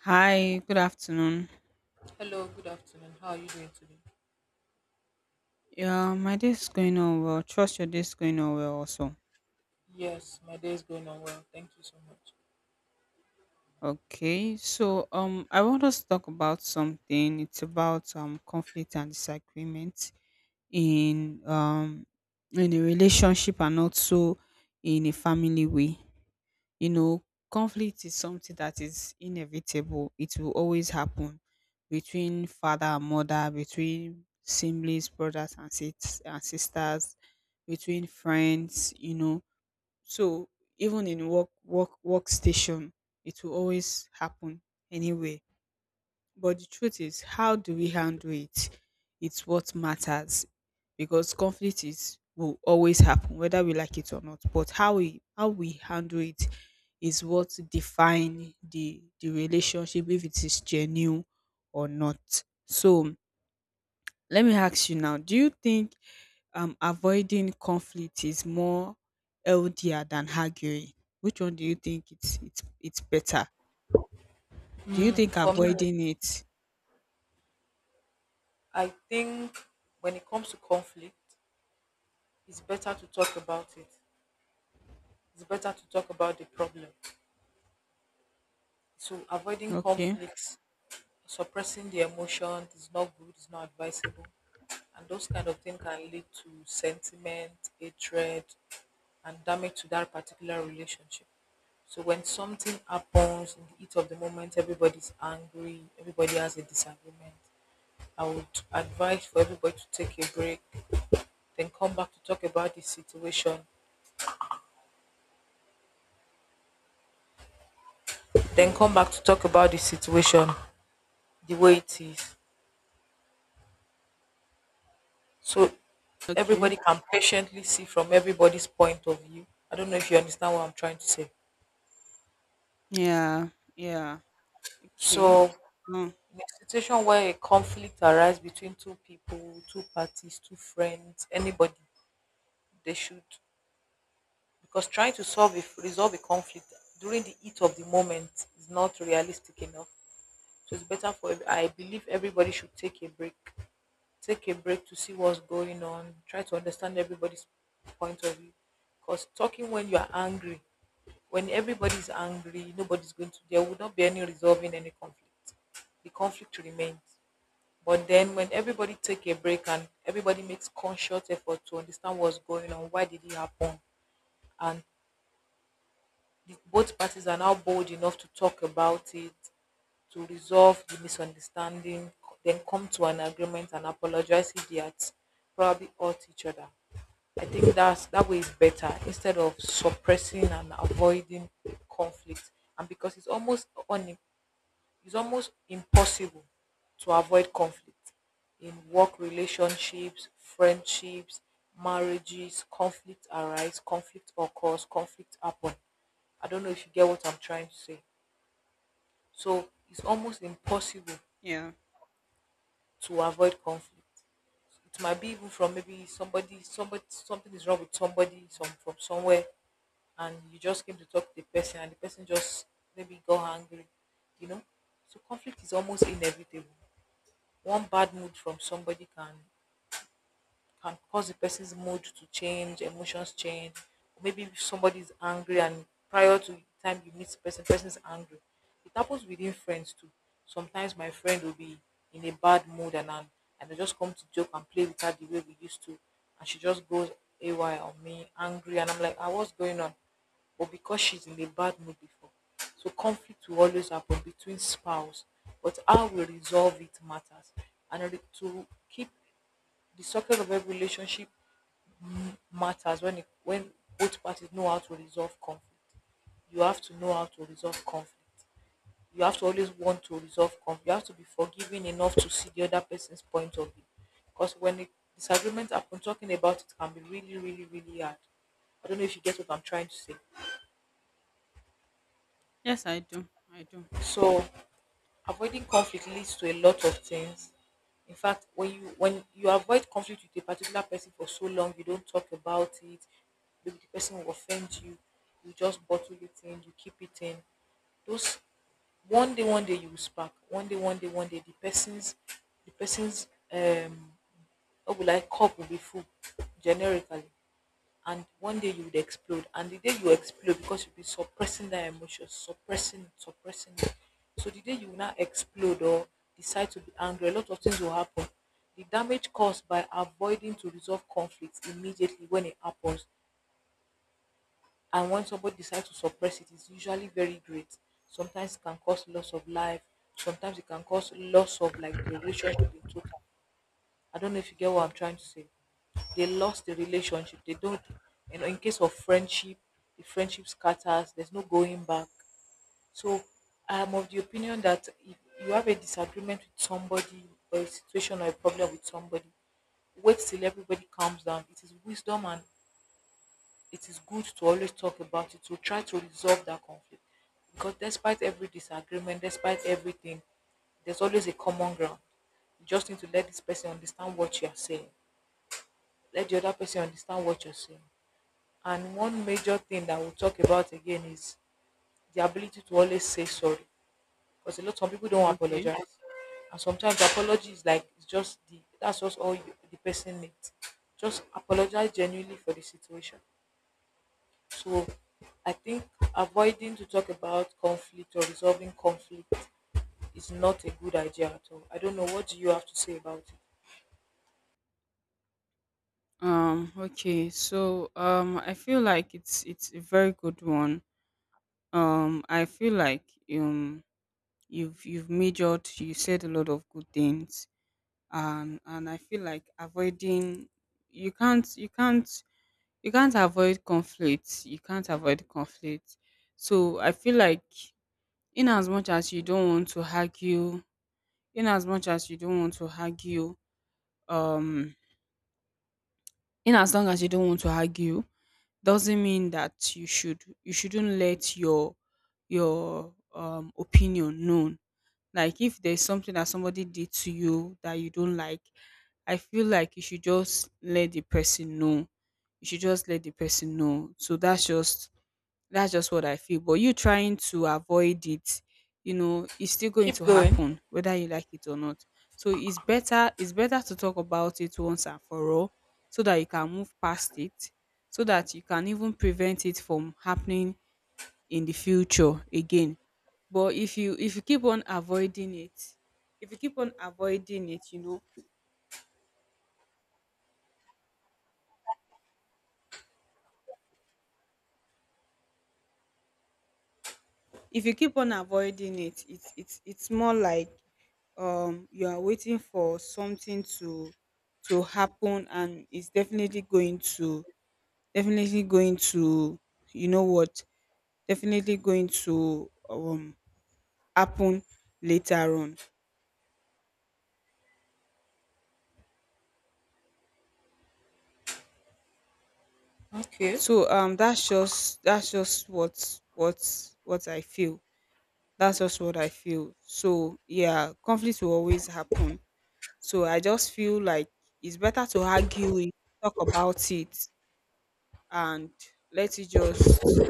Hi, good afternoon. Hello, good afternoon. How are you doing today? Yeah, my day is going on well. Trust your day is going on well also. Yes, my day is going on well. Thank you so much. Okay, so I want us to talk about something. It's about conflict and disagreement in um in a relationship and also in a family way. You know, conflict is something that is inevitable. It will always happen between father and mother, between siblings, brothers and sisters, between friends, you know. So even in workstation, it will always happen anyway, but the truth is, how do we handle it? It's what matters, because conflict is will always happen, whether we like it or not. But how we handle it is what define the relationship, if it is genuine or not. So let me ask you now: do you think avoiding conflict is more healthier than arguing? Which one do you think it's better? Do you think For me, avoiding it? I think when it comes to conflict, it's better to talk about it. It's better to talk about the problem. So avoiding Okay. conflicts, suppressing the emotion is not good, it's not advisable. And those kind of things can lead to sentiment, hatred, and damage to that particular relationship. So when something happens in the heat of the moment, everybody's angry, everybody has a disagreement. I would advise for everybody to take a break, then come back to talk about the situation, then come back to talk about the situation the way it is. So Okay. everybody can patiently see from everybody's point of view. I don't know if you understand what I'm trying to say. Yeah, yeah, okay. So Um, in a situation where a conflict arises between two people, two parties, two friends, anybody, they should, because trying to resolve a conflict during the heat of the moment is not realistic enough. So it's better for I believe everybody should take a break to see what's going on, try to understand everybody's point of view. Because talking when you are angry, when everybody's angry, nobody's going to there would not be any resolving any conflict. The conflict remains. But then when everybody take a break and everybody makes conscious effort to understand what's going on, why did it happen, and both parties are now bold enough to talk about it, to resolve the misunderstanding, then come to an agreement and apologize if they had probably hurt each other. I think that's that way is better instead of suppressing and avoiding conflict. And because it's almost impossible to avoid conflict in work relationships, friendships, marriages. Conflict arise, conflict occurs, conflict happen. I don't know if you get what I'm trying to say. So it's almost impossible yeah. to avoid conflict. It might be even from somebody, something is wrong with from somewhere, and you just came to talk to the person, and the person just maybe got angry, you know. So conflict is almost inevitable. One bad mood from somebody can cause the person's mood to change, emotions change. Maybe if somebody is angry and prior to the time you meet the person is angry. It happens within friends too. Sometimes my friend will be in a bad mood, and I just come to joke and play with her the way we used to, and she just goes AY on me, angry, and I'm like, ah, what's going on? But because she's in a bad mood before. So conflict will always happen between spouse, but how we resolve it matters. And to keep the success of every relationship matters when both parties know how to resolve conflict. You have to know how to resolve conflict. You have to always want to resolve conflict. You have to be forgiving enough to see the other person's point of view. Because when a disagreement happen, talking about it can be really, really, really hard. I don't know if you get what I'm trying to say. Yes, I do. I do. So avoiding conflict leads to a lot of things. In fact, when you avoid conflict with a particular person for so long, you don't talk about it. Maybe the person will offend you. You just bottle it in. You keep it in. Those, one day you will spark. One day the person's the person's um what will I cup will be full generically, and one day you would explode, and the day you explode, because you'll be suppressing that emotion, suppressing it, so the day you will now explode or decide to be angry, a lot of things will happen. The damage caused by avoiding to resolve conflicts immediately when it happens and when somebody decides to suppress it is usually very great. Sometimes it can cause loss of life. Sometimes it can cause loss of, like, the relationship in total. I don't know if you get what I'm trying to say. They lost the relationship. They don't, you know, in case of friendship, the friendship scatters, there's no going back. So I'm of the opinion that if you have a disagreement with somebody or a situation or a problem with somebody, wait till everybody calms down. It is wisdom and it is good to always talk about it to try to resolve that conflict. Because despite every disagreement, despite everything, there's always a common ground. You just need to let this person understand what you are saying, let the other person understand what you're saying. And one major thing that we'll talk about again is the ability to always say sorry. Because a lot of people don't Okay. apologize. And sometimes apology is like, it's just the that's just all the person needs. Just apologize genuinely for the situation. So I think avoiding to talk about conflict or resolving conflict is not a good idea at all. I don't know, what do you have to say about it? Okay. So, I feel like it's a very good one. I feel like um you've majored, you said a lot of good things, and I feel like avoiding, you can't you can't you can't avoid conflict. You can't avoid conflict. So I feel like in as much as you don't want to argue in as much as you don't want to argue, um in as long as you don't want to argue doesn't mean that you shouldn't let your opinion known. Like if there's something that somebody did to you that you don't like, I feel like you should just let the person know. You should just let the person know So that's just what I feel. But you trying to avoid it, you know, it's still going Keep to going. happen whether you like it or not. So it's better to talk about it once and for all, so that you can move past it, so that you can even prevent it from happening in the future again. But if you keep on avoiding it, if you keep on avoiding it, you know, if you keep on avoiding it, it's more like you are waiting for something to happen, and it's definitely going to you know what definitely going to happen later on. Okay. So that's just what I feel. That's just what I feel. So yeah, conflicts will always happen. So I just feel like it's better to argue it, talk about it, and let it just